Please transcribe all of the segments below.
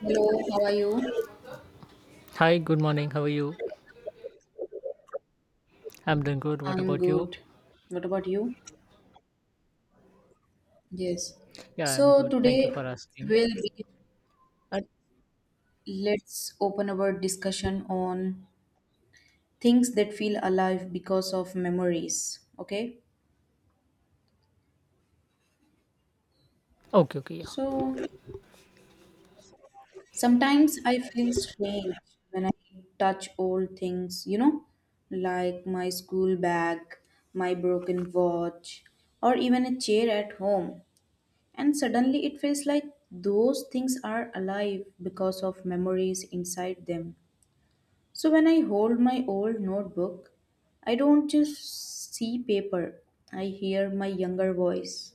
Hello, how are you? Hi, good morning. How are you? I'm doing good. What I'm about you? good. What about you? Yes. Yeah, I'm So good. Thank you today for asking. will be Uh, let's open our discussion on things that feel alive because of memories. Okay? okay, okay, yeah, So sometimes I feel strange when I touch old things, like my school bag, my broken watch, or even a chair at home. And suddenly it feels like those things are alive because of memories inside them. So when I hold my old notebook, I don't just see paper, I hear my younger voice.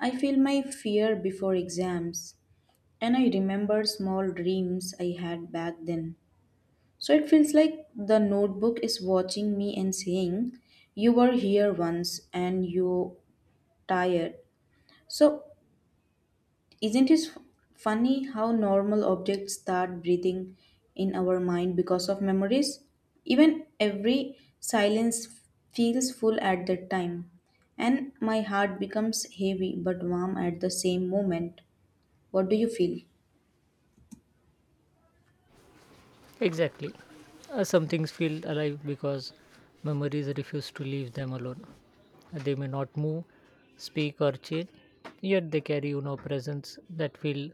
I feel my fear before exams, and I remember small dreams I had back then. So it feels like the notebook is watching me and saying, you were here once and you tired. So isn't it funny how normal objects start breathing in our mind because of memories? Even every silence feels full at that time, and my heart becomes heavy but warm at the same moment. What do you feel? exactly. Some things feel alive because memories refuse to leave them alone. They may not move, speak, or change, yet they carry, you know, presence that feel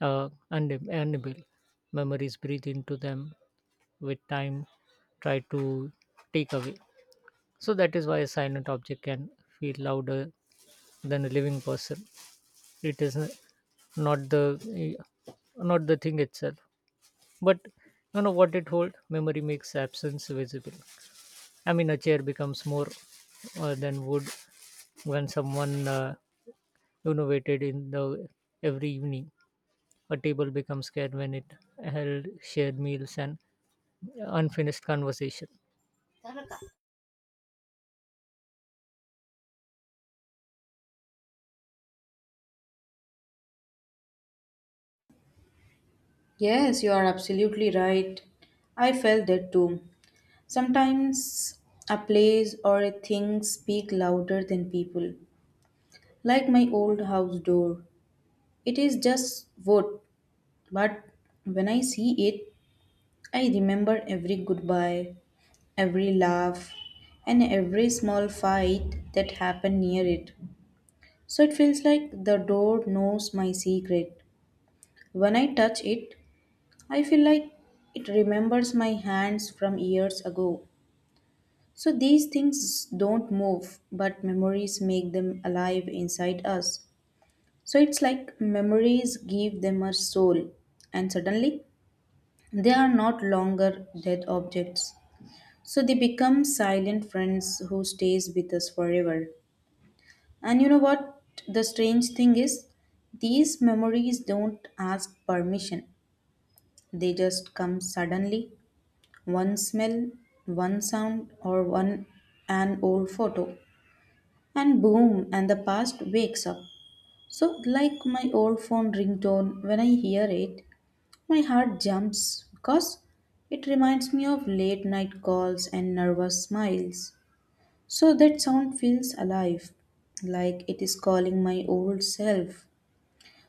unable. Memories breathe into them with time, try to take away. So that is why a silent object can feel louder than a living person. It is not the eh, not the thing itself but you know what it hold memory makes absence visible. I mean a chair becomes more than wood when someone innovated in the every evening, a table becomes scared when it held shared meals and unfinished conversation. Yes, you are absolutely right. I felt that too. Sometimes a place or a thing speak louder than people. Like my old house door. It is just wood, but when I see it, I remember every goodbye, every laugh, and every small fight that happened near it. So it feels like the door knows my secret. When I touch it, I feel like it remembers my hands from years ago. So these things don't move, but memories make them alive inside us. So it's like memories give them a soul. And suddenly, they are not longer dead objects. So they become silent friends who stays with us forever. And you know what the strange thing is? These memories don't ask permission. They just come suddenly. One smell, one sound or one an old photo. And boom and the past wakes up. So like my old phone ringtone when I hear it, my heart jumps because it reminds me of late night calls and nervous smiles. So that sound feels alive, like it is calling my old self.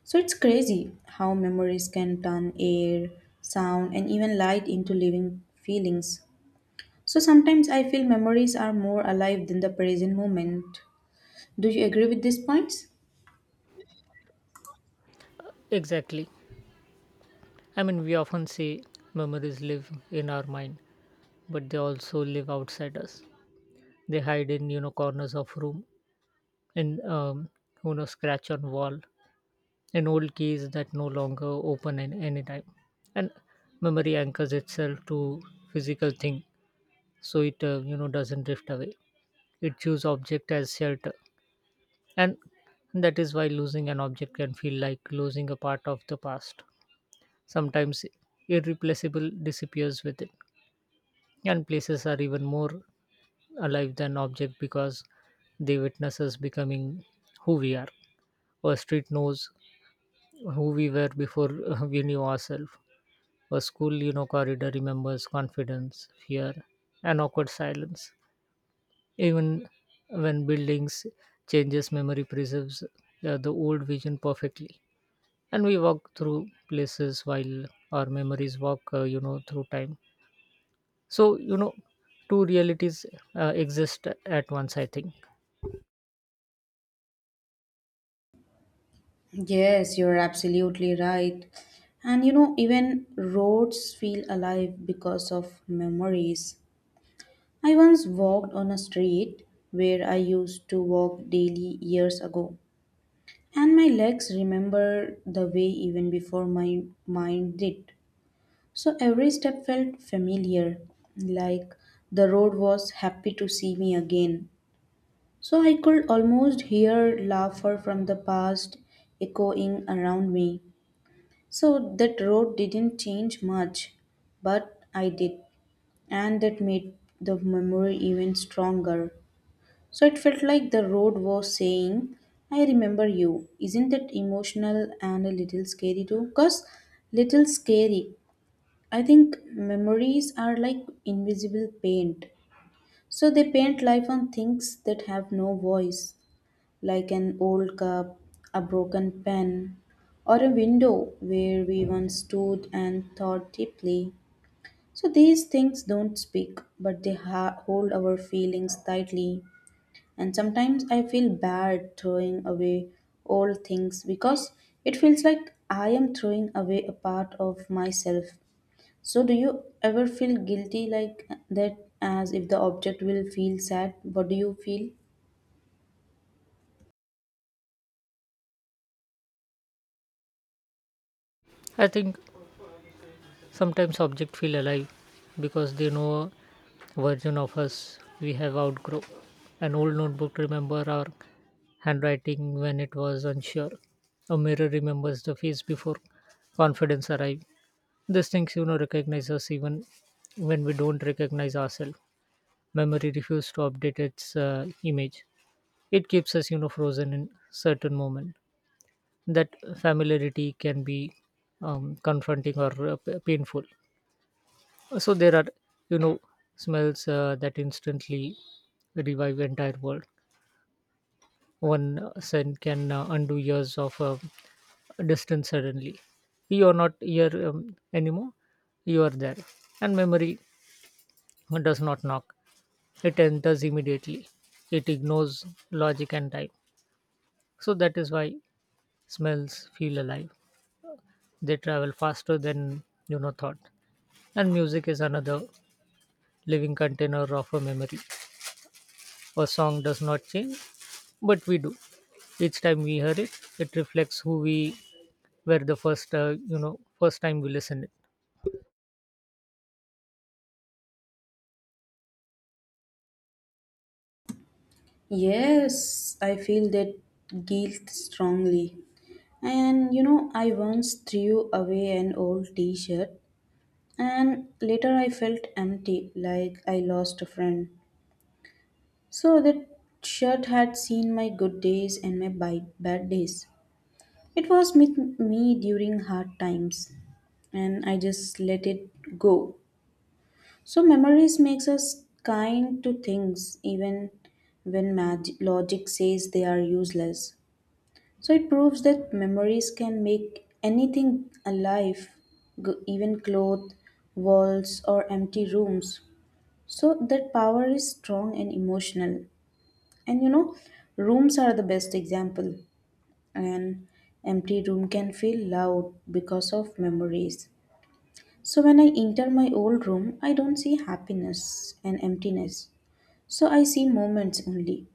So it's crazy how memories can turn air, sound, and even light into living feelings. So sometimes I feel memories are more alive than the present moment. Do you agree with these points? Exactly. I mean we often say memories live in our mind but they also live outside us. They hide in, you know, corners of room, in you know scratch on wall and old keys that no longer open at any time. And memory anchors itself to physical thing, so it you know doesn't drift away. It chooses object as shelter, and that is why losing an object can feel like losing a part of the past. Sometimes irreplaceable disappears with it, and places are even more alive than object because they witness us becoming who we are. Our street knows who we were before we knew ourselves. A school, you know, corridor remembers confidence, fear, and awkward silence. Even when buildings changes, memory preserves the old vision perfectly. And we walk through places while our memories walk, you know, through time. So you know, two realities exist at once, I think. Yes, you're absolutely right. And you know, even roads feel alive because of memories. I once walked on a street where I used to walk daily years ago, and my legs remember the way even before my mind did. So every step felt familiar, like the road was happy to see me again. So I could almost hear laughter from the past echoing around me. So that road didn't change much, but I did, and that made the memory even stronger. So it felt like the road was saying, I remember you. Isn't that emotional and a little scary too? Because little scary. I think memories are like invisible paint. So they paint life on things that have no voice like an old cup, a broken pen, or a window where we once stood and thought deeply. So these things don't speak, but they hold our feelings tightly. And sometimes I feel bad throwing away old things because it feels like I am throwing away a part of myself. So do you ever feel guilty like that as if the object will feel sad? What do you feel? I think Sometimes objects feel alive because they know a version of us we have outgrown. An old notebook remembers our handwriting when it was unsure. A mirror remembers the face before confidence arrived. These things, you know, recognize us even when we don't recognize ourselves. Memory refuses to update its image. It keeps us, you know, frozen in certain moment. That familiarity can be confronting or painful. So there are, you know, smells that instantly revive entire world. One scent can undo years of distance. Suddenly you are not here anymore, you are there, and memory does not knock, it enters immediately. It ignores logic and time. So that is why smells feel alive, they travel faster than, you know, thought. And music is another living container of a memory. A song does not change, but we do. Each time we hear it, it reflects who we were the first, first time we listened it. Yes, I feel that guilt strongly. And you know, I once threw away an old t shirt, and later I felt empty, like I lost a friend. So that shirt had seen my good days and my bad days. It was with me during hard times, and I just let it go. So memories makes us kind to things, even when logic says they are useless. So it proves that memories can make anything alive, even cloth, walls, or empty rooms. So that power is strong and emotional. And you know, rooms are the best example. An empty room can feel loud because of memories. So when I enter my old room, I don't see happiness and emptiness. So I see moments only.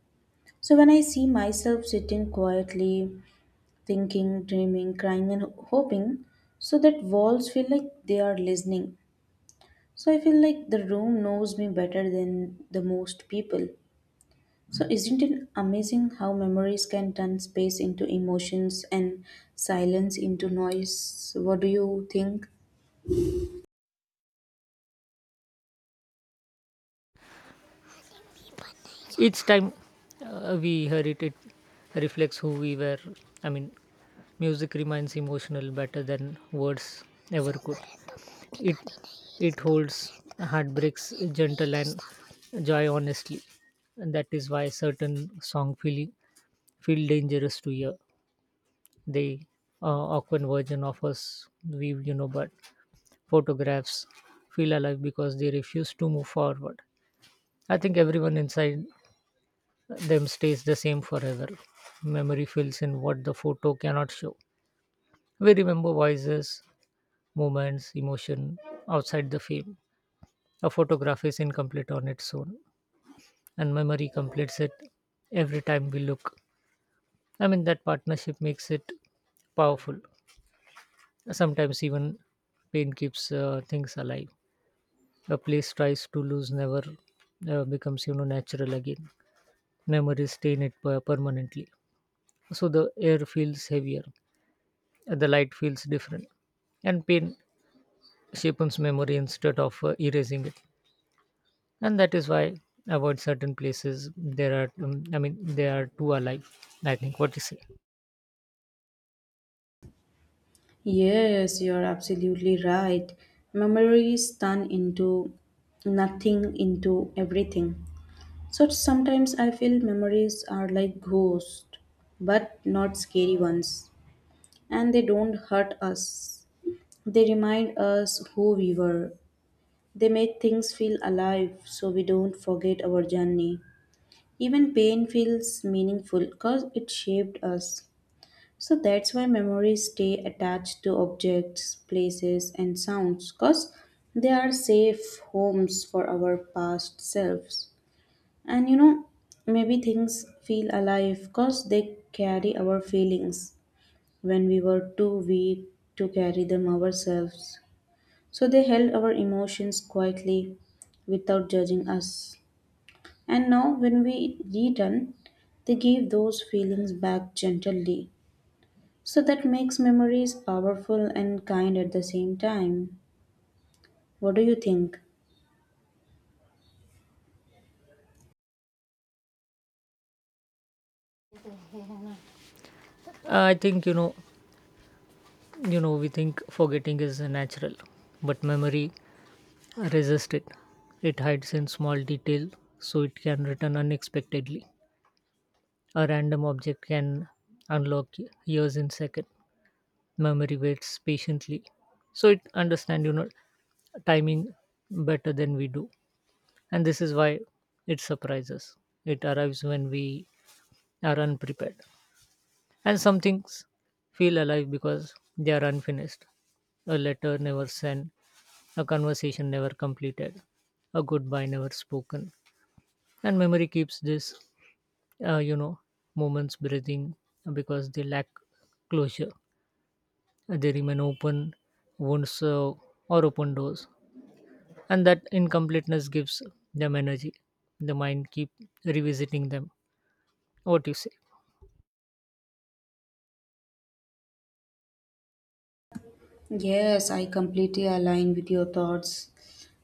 So when I see myself sitting quietly thinking, dreaming, crying, and hoping, so that walls feel like they are listening. So I feel like the room knows me better than the most people. So isn't it amazing how memories can turn space into emotions and silence into noise? So, what do you think? Each time we hear it, it reflects who we were. I mean, music remains emotional better than words ever could. It it holds heartbreaks gentle and joy honestly, and that is why certain song feel dangerous to hear. They uh, awkward version of us we, you know, but photographs feel alive because they refuse to move forward. I think everyone inside them stays the same forever. Memory fills in what the photo cannot show. We remember voices, moments, emotion outside the frame. A photograph is incomplete on its own, and memory completes it every time we look. I mean, that partnership makes it powerful. Sometimes even pain keeps things alive. A place tries to lose never becomes, you know, natural again. Memories stain it permanently. So the air feels heavier, the light feels different, and pain shapes memory instead of erasing it. And that is why avoid certain places, there are I mean they are too alive, I think. What you say? Yes, you're absolutely right. Memories turn into nothing into everything. So sometimes I feel memories are like ghosts, but not scary ones. And they don't hurt us. They remind us who we were. They make things feel alive so we don't forget our journey. Even pain feels meaningful because it shaped us. So that's why memories stay attached to objects, places, and sounds because they are safe homes for our past selves. And you know, maybe things feel alive because they carry our feelings when we were too weak to carry them ourselves. So they held our emotions quietly without judging us. And now, when we return, they give those feelings back gently. So that makes memories powerful and kind at the same time. What do you think? I think, you know, we think forgetting is natural, but memory resists it. It hides in small detail, so it can return unexpectedly. A random object can unlock years in second. Memory waits patiently, so it understand, you know, timing better than we do, and this is why it surprises. It arrives when we are unprepared, and some things feel alive because they are unfinished. A letter never sent, a conversation never completed, a goodbye never spoken, and memory keeps this, uh, you know, moments breathing because they lack closure. They remain open wounds or open doors, and that incompleteness gives them energy. The mind keep revisiting them. What do you say? Yes, I completely align with your thoughts.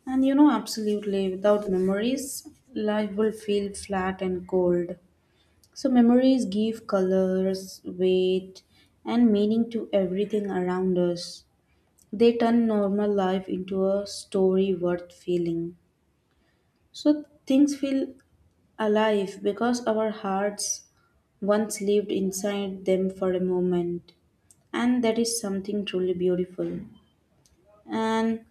And you know, absolutely, without memories, life will feel flat and cold. So, memories give colors, weight, and meaning to everything around us. They turn normal life into a story worth feeling. So, things feel alive because our hearts once lived inside them for a moment and that is something truly beautiful and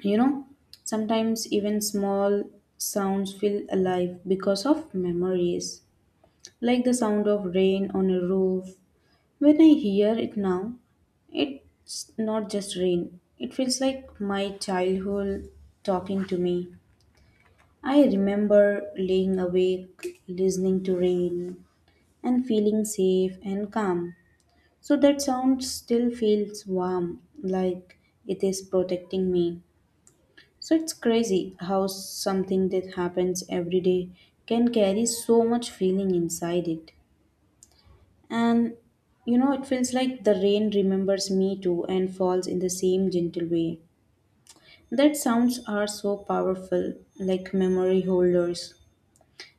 you know, sometimes even small sounds feel alive because of memories, like the sound of rain on a roof. When I hear it now, it's not just rain, it feels like my childhood talking to me. I remember laying awake, listening to rain, and feeling safe and calm. So that sound still feels warm, like it is protecting me. So it's crazy how something that happens every day can carry so much feeling inside it. And you know, it feels like the rain remembers me too and falls in the same gentle way. That sounds are so powerful, like memory holders.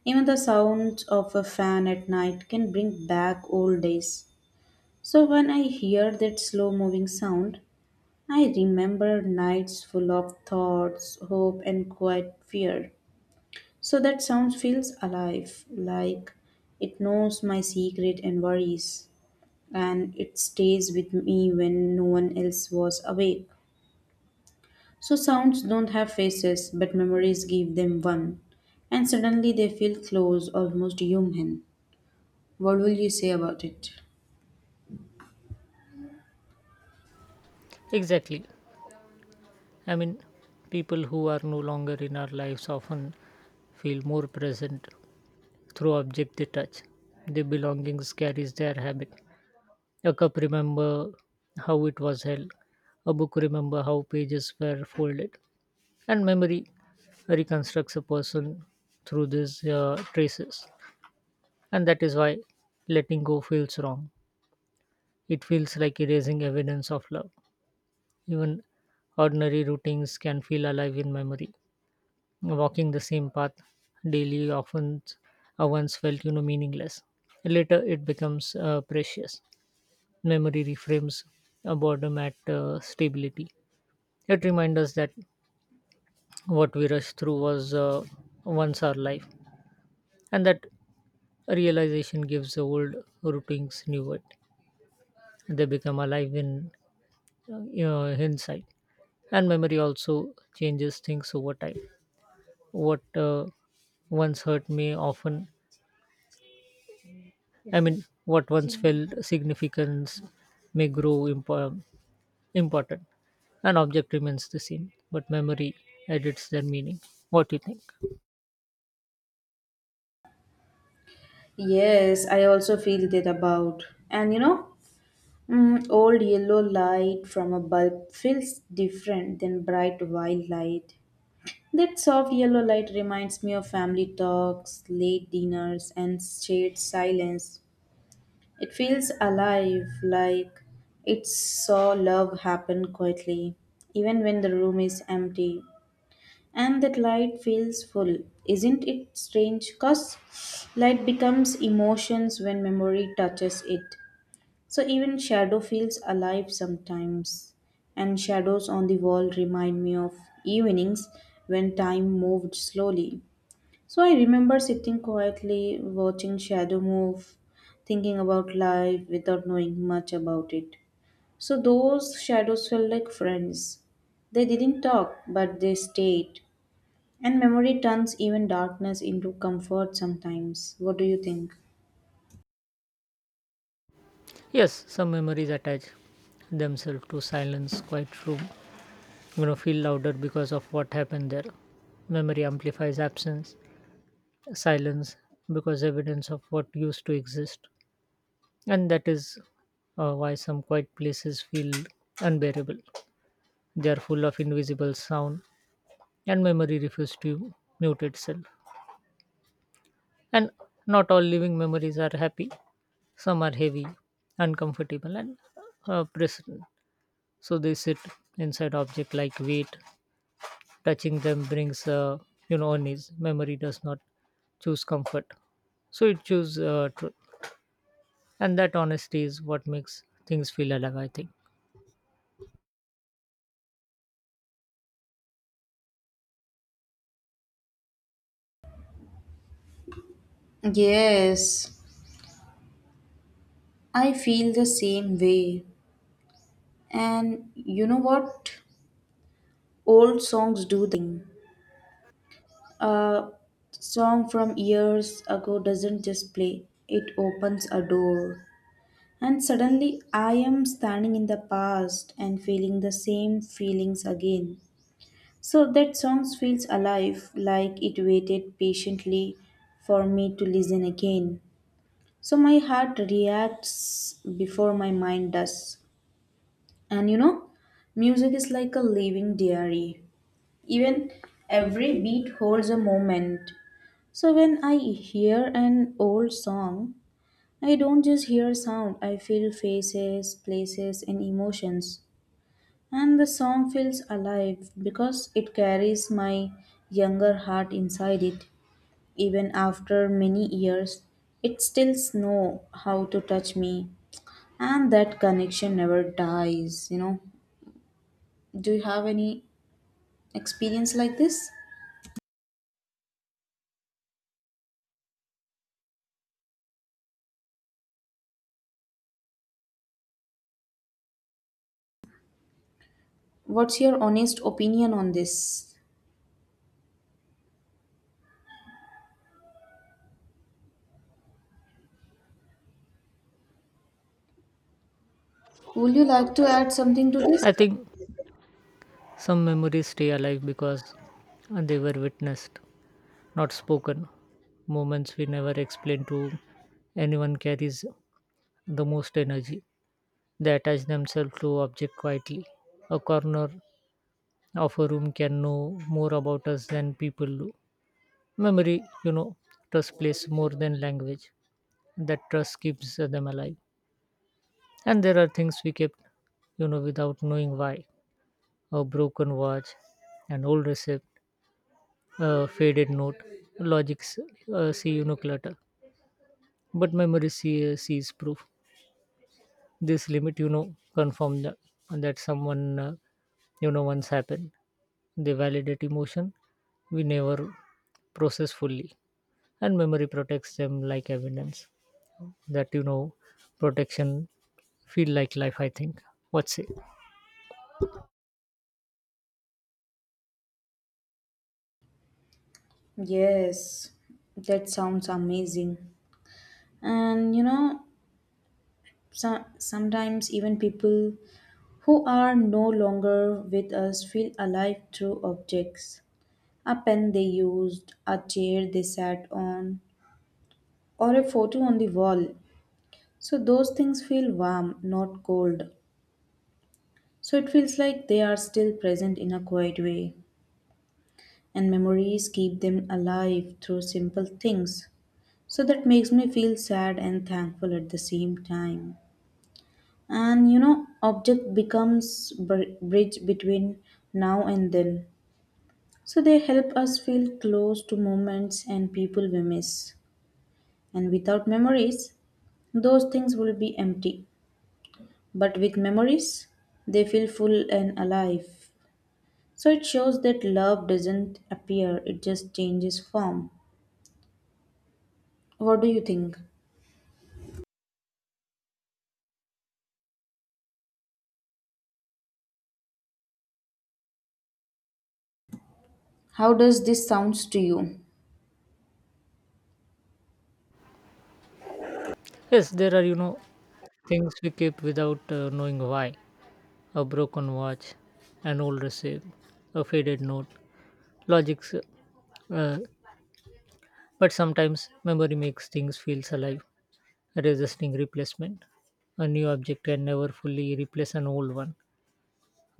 Even the sounds of a fan at night can bring back old days. So when I hear that slow moving sound, I remember nights full of thoughts, hope, and quiet fear. So that sound feels alive, like it knows my secret and worries, and it stays with me when no one else was awake. So sounds don't have faces, but memories give them one, and suddenly they feel close, almost human. What will you say about it? Exactly. I mean people who are no longer in our lives often feel more present through object they touch. Their belongings carries their habit. A cup remember how it was held, a book remember how pages were folded, and memory reconstructs a person through these traces. And that is why letting go feels wrong, it feels like erasing evidence of love. Even ordinary routines can feel alive in memory. Walking the same path daily often once felt, you know, meaningless, later it becomes precious. Memory reframes boredom at stability. It reminds us that what we rushed through was once our life, and that realization gives old routines new weight. They become alive in uh, hindsight. And memory also changes things over time. What once hurt may often, I mean, what once felt significance may grow important. An object remains the same, but memory edits their meaning. What do you think? Yes, I also feel that about. And you know, old yellow light from a bulb feels different than bright white light. That soft yellow light reminds me of family talks, late dinners, and shared silence. It feels alive, like it saw love happen quietly, even when the room is empty. And that light feels full. Isn't it strange? Because light becomes emotions when memory touches it. So even shadow feels alive sometimes, and shadows on the wall remind me of evenings when time moved slowly. So I remember sitting quietly, watching shadow move, thinking about life without knowing much about it. So those shadows felt like friends. They didn't talk, but they stayed. And memory turns even darkness into comfort sometimes. What do you think? Yes, some memories attach themselves to silence, quiet room, you know, feel louder because of what happened there. Memory amplifies absence silence because evidence of what used to exist, and that is why some quiet places feel unbearable. They are full of invisible sound, and memory refuses to mute itself. And not all living memories are happy, some are heavy, uncomfortable and present. So they sit inside object like weight, touching them brings you know unease. Memory does not choose comfort, so it chooses truth. And that honesty is what makes things feel alive, I think. Yes, I feel the same way. And you know what? Old songs do the same. A song from years ago doesn't just play, it opens a door. And suddenly I am standing in the past and feeling the same feelings again. So that song feels alive, like it waited patiently for me to listen again. So my heart reacts before my mind does. And you know, music is like a living diary. Even every beat holds a moment. So when I hear an old song, I don't just hear sound, I feel faces, places, and emotions. And the song feels alive because it carries my younger heart inside it. Even after many years, it still knows how to touch me. And that connection never dies, you know. Do you have any experience like this? What's your honest opinion on this? Would you like to add something to this? i think some memories stay alive because they were witnessed, not spoken. Moments we never explain to anyone carries the most energy. They attach themselves to object quietly. A corner of a room can know more about us than people do. Memory, you know, trust plays more than language. That trust keeps them alive. And there are things we kept, you know, without knowing why. A broken watch, an old receipt, a faded note. Logic see, you know, clutter, but memory sees proof. This limit, you know, confirm that, someone, once happened. They validate emotion we never process fully, and memory protects them like evidence. That, you know, protection feel like life, I think. What's it? Yes, that sounds amazing. And you know, so, sometimes even people who are no longer with us feel alive through objects. A pen they used, a chair they sat on, or a photo on the wall. So those things feel warm, not cold. So it feels like they are still present in a quiet way. And memories keep them alive through simple things. So that makes me feel sad and thankful at the same time. And you know, object becomes bridge between now and then. So they help us feel close to moments and people we miss. And without memories, those things will be empty. But with memories, they feel full and alive. So it shows that love doesn't appear, it just changes form. What do you think? How does this sounds to you? Yes, there are, you know, things we keep without knowing why. A broken watch, an old receipt, a faded note. Logics uh, but sometimes memory makes things feel alive, resisting replacement. A new object can never fully replace an old one.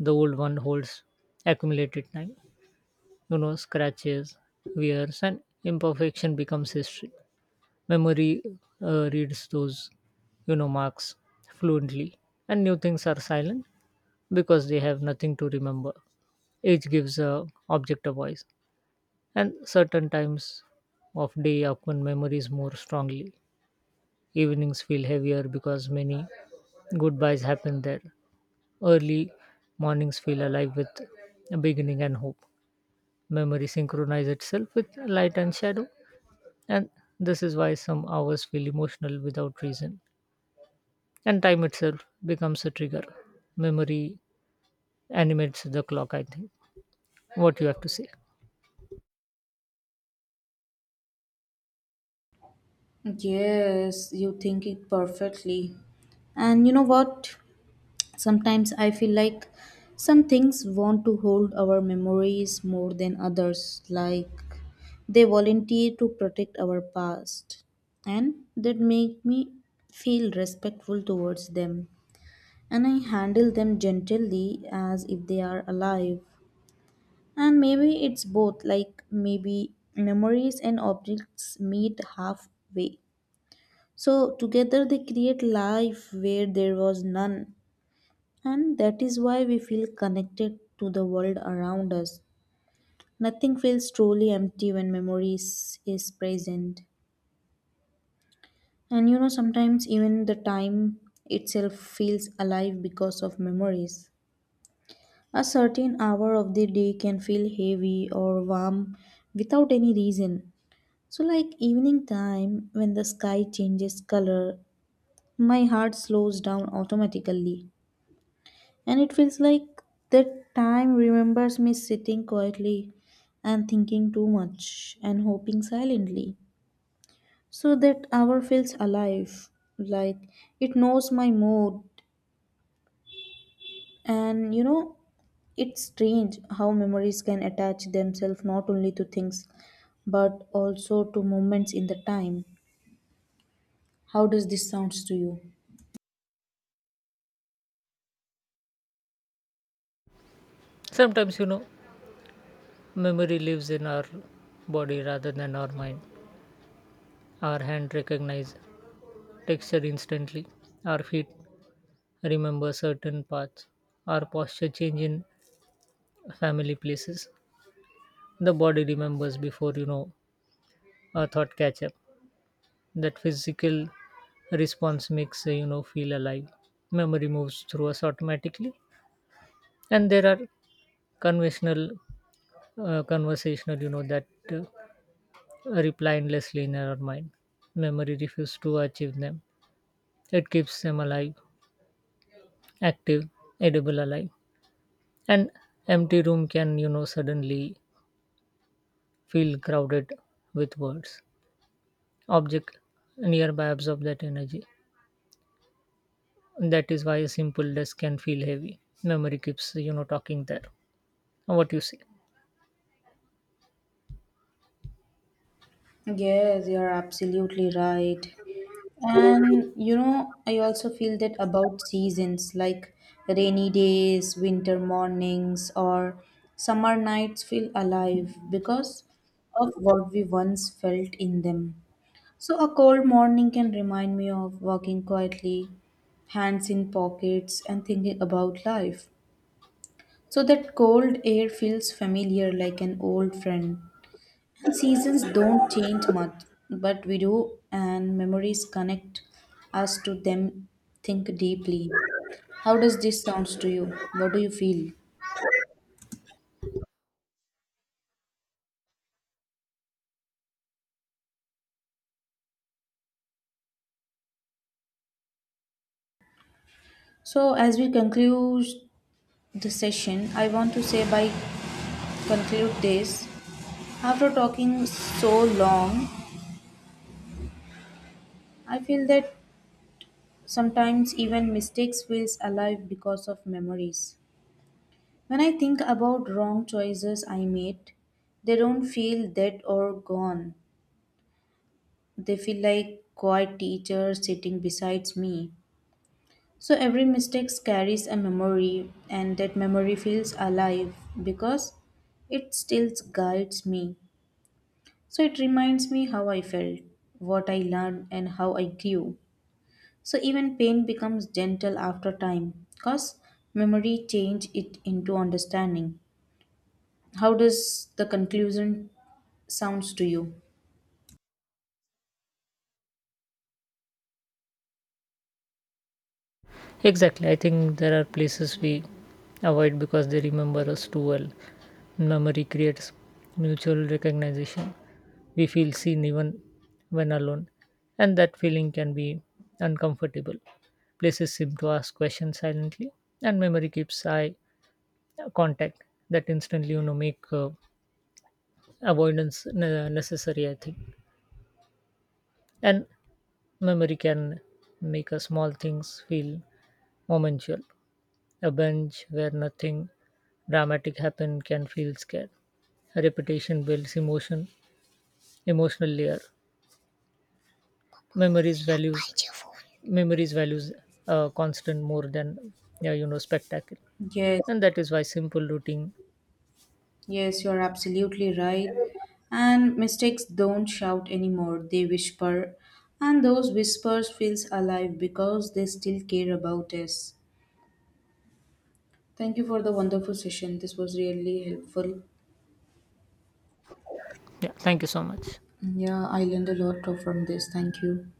The old one holds accumulated time, you know, scratches, wears, and imperfection becomes history. Memory reads those, you know, marks fluently, and new things are silent because they have nothing to remember. Age gives a object a voice, and certain times of day upon memories more strongly. Evenings feel heavier because many goodbyes happen there. Early mornings feel alive with a beginning and hope. Memory synchronizes itself with light and shadow, and this is why some hours feel emotional without reason. And time itself becomes a trigger. Memory animates the clock, I think. What you have to say. Yes, you think it perfectly. And you know what? Sometimes I feel like some things want to hold our memories more than others, like they volunteer to protect our past, and that make me feel respectful towards them. And I handle them gently as if they are alive. And maybe it's both, like maybe memories and objects meet halfway. So together they create life where there was none. And that is why we feel connected to the world around us. Nothing feels truly empty when memories is present. And you know, sometimes even the time itself feels alive because of memories. A certain hour of the day can feel heavy or warm without any reason. So, like evening time, when the sky changes color, my heart slows down automatically. And it feels like that time remembers me sitting quietly and thinking too much and hoping silently. So that hour feels alive, like it knows my mood. And you know, it's strange how memories can attach themselves not only to things but also to moments in the time. How does this sounds to you? Sometimes, you know, memory lives in our body rather than our mind. Our hand recognizes texture instantly. Our feet remember certain paths. Our posture change in family places. The body remembers before, you know, a thought catch up. That physical response makes, feel alive. Memory moves through us automatically. And there are conventional conversational, you know, that uh, reply endlessly in our mind. Memory refuses to achieve them. It keeps them alive, active, edible alive. An empty room can, you know, suddenly feel crowded with words. Object nearby absorb that energy. That is why a simple desk can feel heavy. Memory keeps, you know, talking there. What you say? Yes, you're absolutely right. And you know, I also feel that about seasons like rainy days, winter mornings, or summer nights feel alive because of what we once felt in them. So, a cold morning can remind me of walking quietly, hands in pockets, and thinking about life. So, that cold air feels familiar like an old friend. Seasons don't change much, but we do, and memories connect us to them. Think deeply. How does this sounds to you? What do you feel? So, as we conclude the session, I want to say by conclude this. After talking so long, I feel that sometimes even mistakes feels alive because of memories. When I think about wrong choices I made, they don't feel dead or gone. They feel like quiet teachers sitting beside me. So every mistake carries a memory, and that memory feels alive because it still guides me. So it reminds me how I felt, what I learned, and how I grew. So even pain becomes gentle after time because memory change it into understanding. How does the conclusion sounds to you? Exactly. I think there are places we avoid because they remember us too well. Memory creates mutual recognition. We feel seen even when alone, and that feeling can be uncomfortable. Places seem to ask questions silently, and memory keeps eye contact that instantly, you know, make avoidance necessary, I think. And memory can make a small things feel momentual. A bench where nothing dramatic happen can feel scared. Repetition builds emotion, emotional layer. Memories values Memories values constant more than yeah, you know, spectacle, Yes. and that is why simple routine. Yes, you're absolutely right. And mistakes don't shout anymore, they whisper. And those whispers feels alive because they still care about us. Thank you for the wonderful session. This was really helpful. Yeah, thank you so much. Yeah, I learned a lot from this. Thank you.